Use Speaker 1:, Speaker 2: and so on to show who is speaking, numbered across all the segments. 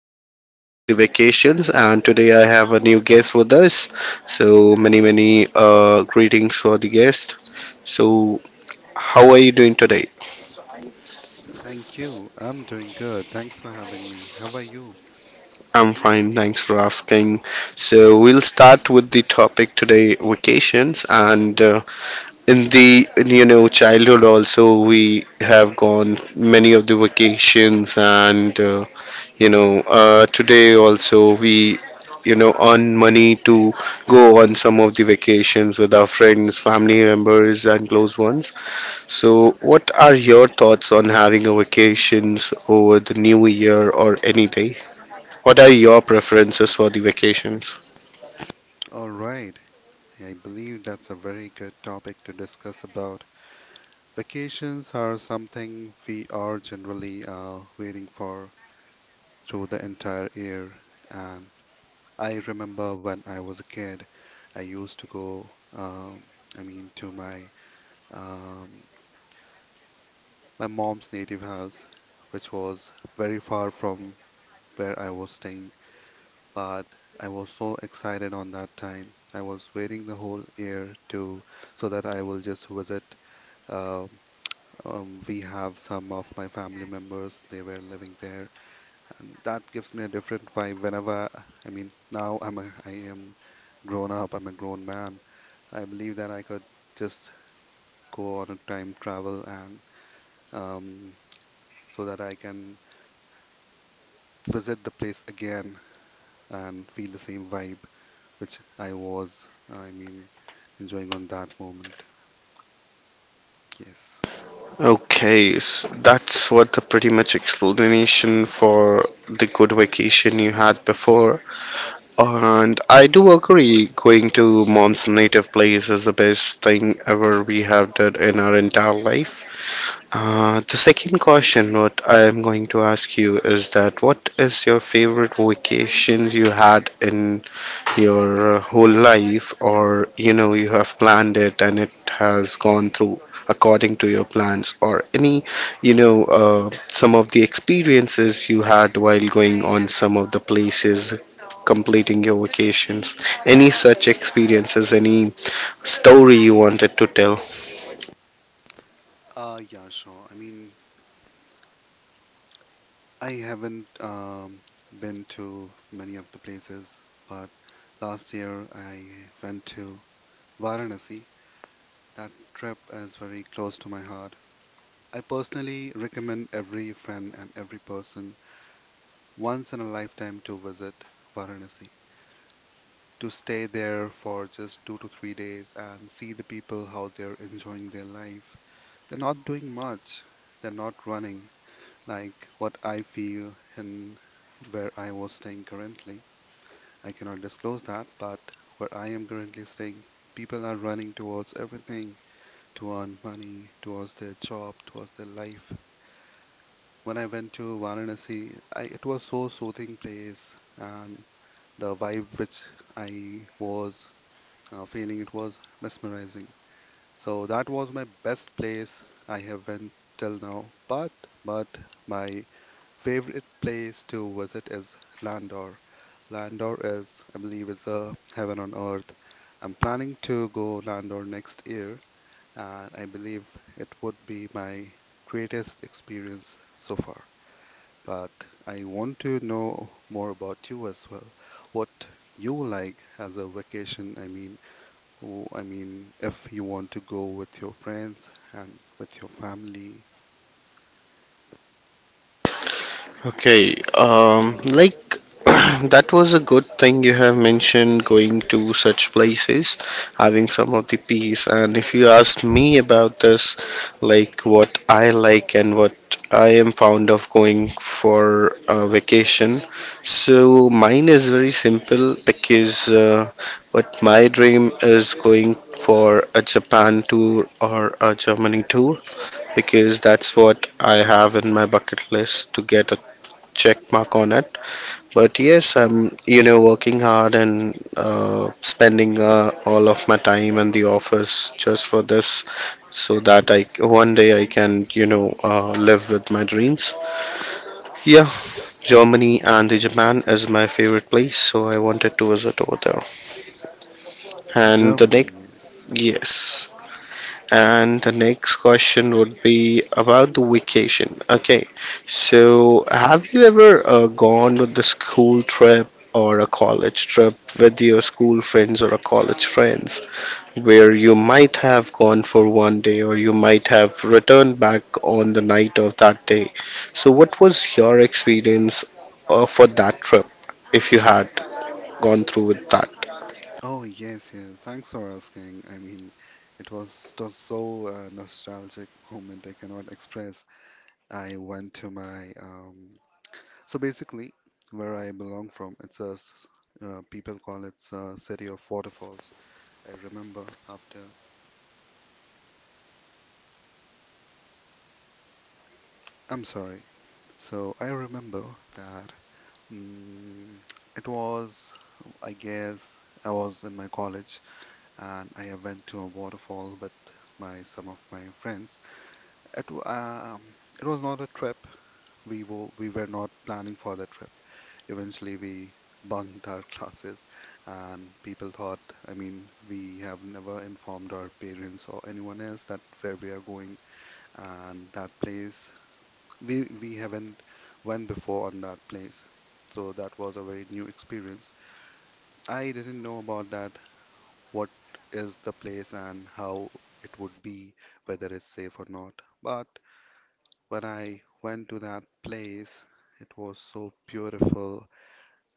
Speaker 1: all go through with the vacations, and today I have a new guest with us. So, many greetings for the guest. So, how are you doing today?
Speaker 2: Thank you. I'm doing good. Thanks for having me. How are you?
Speaker 1: I'm fine, thanks for asking. So, we'll start with the topic today vacations, and in the childhood also we have gone many of the vacations and today also we you know earn money to go on some of the vacations with our friends, family members, and close ones. So what are your thoughts on having a vacations over the new year or any day? What are your preferences for the vacations?
Speaker 2: All right. I believe that's a very good topic to discuss about. Vacations are something we are generally waiting for through the entire year. And I remember when I was a kid, I used to go, um, I mean, to my um, my mom's native house, which was very far from where I was staying, but I was so excited on that time. I was waiting the whole year to, so that I will just visit. Um, we have some of my family members, they were living there, and that gives me a different vibe whenever, I mean, now I am grown up, I'm a grown man. I believe that I could just go on a time travel and, um, so that I can visit the place again and feel the same vibe which I was. I mean, enjoying on that moment. Yes.
Speaker 1: Okay, s that's what the pretty much explanation for the good vacation you had before. And I do agree, going to mom's native place is the best thing ever we have done in our entire life. The second question, what I am going to ask you is that what is your favorite vacation you had in your whole life, or you have planned it and it has gone through according to your plans, or any some of the experiences you had while going on some of the places completing your vacations? Any such experiences, any story you wanted to tell?
Speaker 2: Yeah, sure. I mean, I haven't been to many of the places, but last year I went to Varanasi. That trip is very close to my heart. I personally recommend every friend and every person once in a lifetime to visit Varanasi, to stay there for just 2 to 3 days and see the people how they're enjoying their life. They're not doing much. They're not running. Like what I feel and where I was staying currently. I cannot disclose that, but where I am currently staying, people are running towards everything to earn money, towards their job, towards their life. When I went to Varanasi, it was so soothing place, and the vibe which I was feeling, it was mesmerizing. So that was my best place I have went till now. But my favorite place to visit is Landor. Landor is, I believe, is a heaven on earth. I'm planning to go Landor next year, and I believe it would be my greatest experience so far. But I want to know more about you as well. What you like as a vacation? I mean, who, I mean, if you want to go with your friends and with your family.
Speaker 1: Okay, like that was a good thing you have mentioned, going to such places, having some of the peace. And if you ask me about this, like what I like and what I am fond of going for a vacation, so mine is very simple, because what my dream is going for a Japan tour or a Germany tour, because that's what I have in my bucket list to get check mark on it. But yes, I'm working hard and spending all of my time in the office just for this, so that I one day I can live with my dreams. Yeah, Germany and the Japan is my favorite place, so I wanted to visit over there. And the
Speaker 2: Germany,
Speaker 1: next
Speaker 2: yes.
Speaker 1: yes. And the next question would be about the vacation. Okay, so have you ever gone with the school trip or a college trip with your school friends or a college friends where you might have gone for one day or you might have returned back on the night of that day? So, what was your experience for that trip if you had gone through with that?
Speaker 2: Oh, yes, yes. Thanks for asking. I mean, it was just so nostalgic moment I cannot express. I went to my so basically where I belong from. It's a people call it city of waterfalls. I remember after. I'm sorry. So I remember that, mm, it was, I guess, I was in my college and I went to a waterfall with my some of my friends. It, wa- um, it was not a trip. We were not planning for the trip. Eventually, we bunked our classes, and people thought, I mean, we have never informed our parents or anyone else that where we are going and that place. We haven't went before on that place, so that was a very new experience. I didn't know about that. What is the place and how it would be, whether it's safe or not. But when I went to that place, it was so beautiful.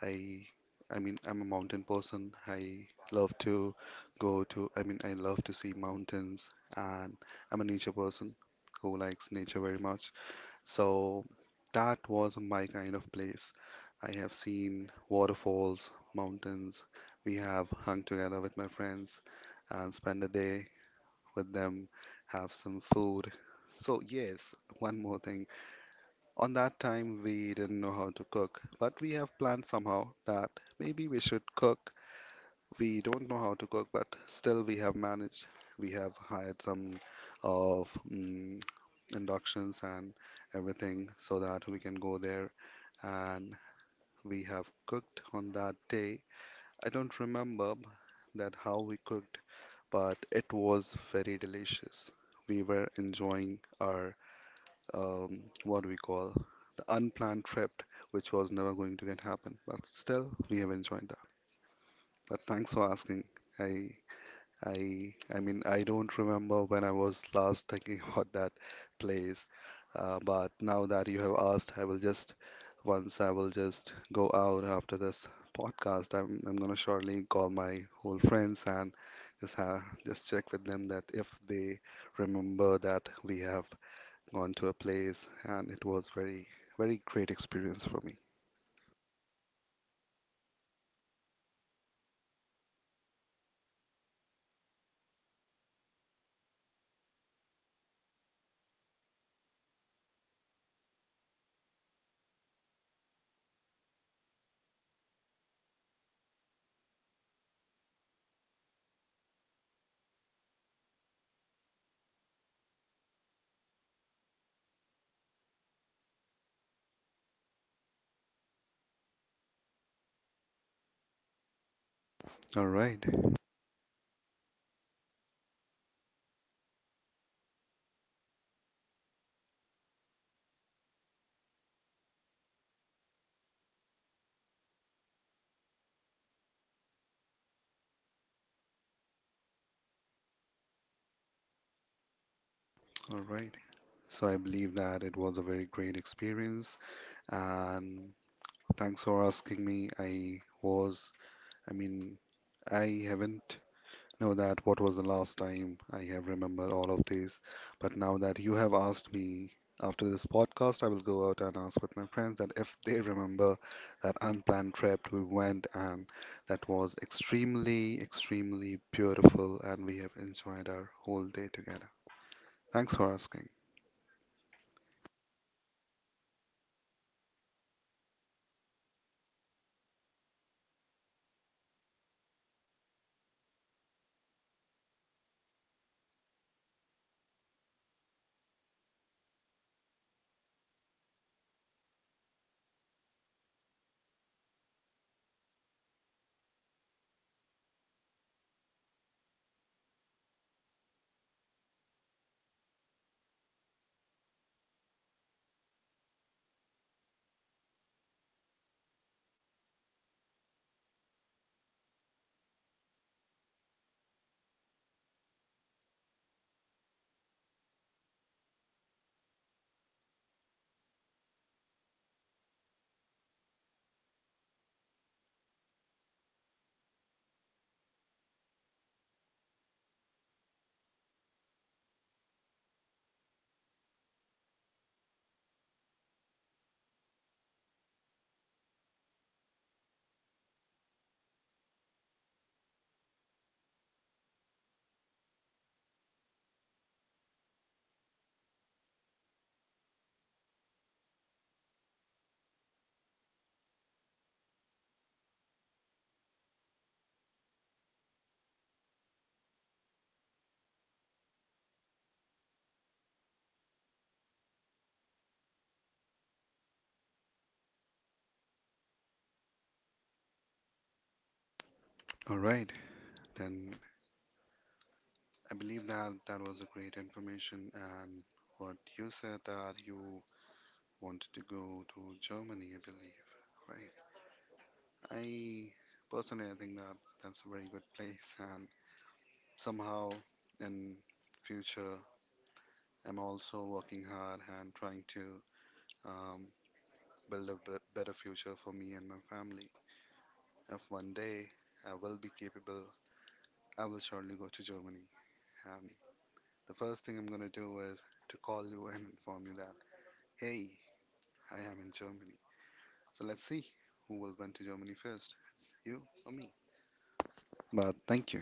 Speaker 2: I I mean, I'm a mountain person. I love to go to, I mean, I love to see mountains, and I'm a nature person who likes nature very much. So that was my kind of place. I have seen waterfalls, mountains. We have hung together with my friends and spend a day with them, have some food. So yes, one more thing. On that time, we didn't know how to cook, but we have planned somehow that maybe we should cook. We don't know how to cook, but still we have managed. We have hired some of inductions and everything so that we can go there and we have cooked on that day. I don't remember that how we cooked, but it was very delicious. We were enjoying our what do we call the unplanned trip, which was never going to get happen. But still, we have enjoyed that. But thanks for asking. I I mean, I don't remember when I was last thinking about that place. But now that you have asked, I will just once I will just go out after this podcast. I'm gonna shortly call my old friends and just check with them that if they remember that we have gone to a place and it was very very great experience for me. All right. All right. So I believe that it was a very great experience and thanks for asking me. I was, I mean, I haven't know that what was the last time I have remembered all of these. But now that you have asked me, after this podcast, I will go out and ask with my friends that if they remember that unplanned trip we went and that was extremely, extremely beautiful, and we have enjoyed our whole day together. Thanks for asking. All right, then I believe that that was a great information and what you said that you wanted to go to Germany, I believe, right? I personally I think that that's a very good place and somehow in future I'm also working hard and trying to um, build a better future for me and my family. If one day I will be capable, I will surely go to Germany. And the first thing I'm gonna do is to call you and inform you that hey, I am in Germany. So let's see who will went to Germany first, it's you or me. But thank you.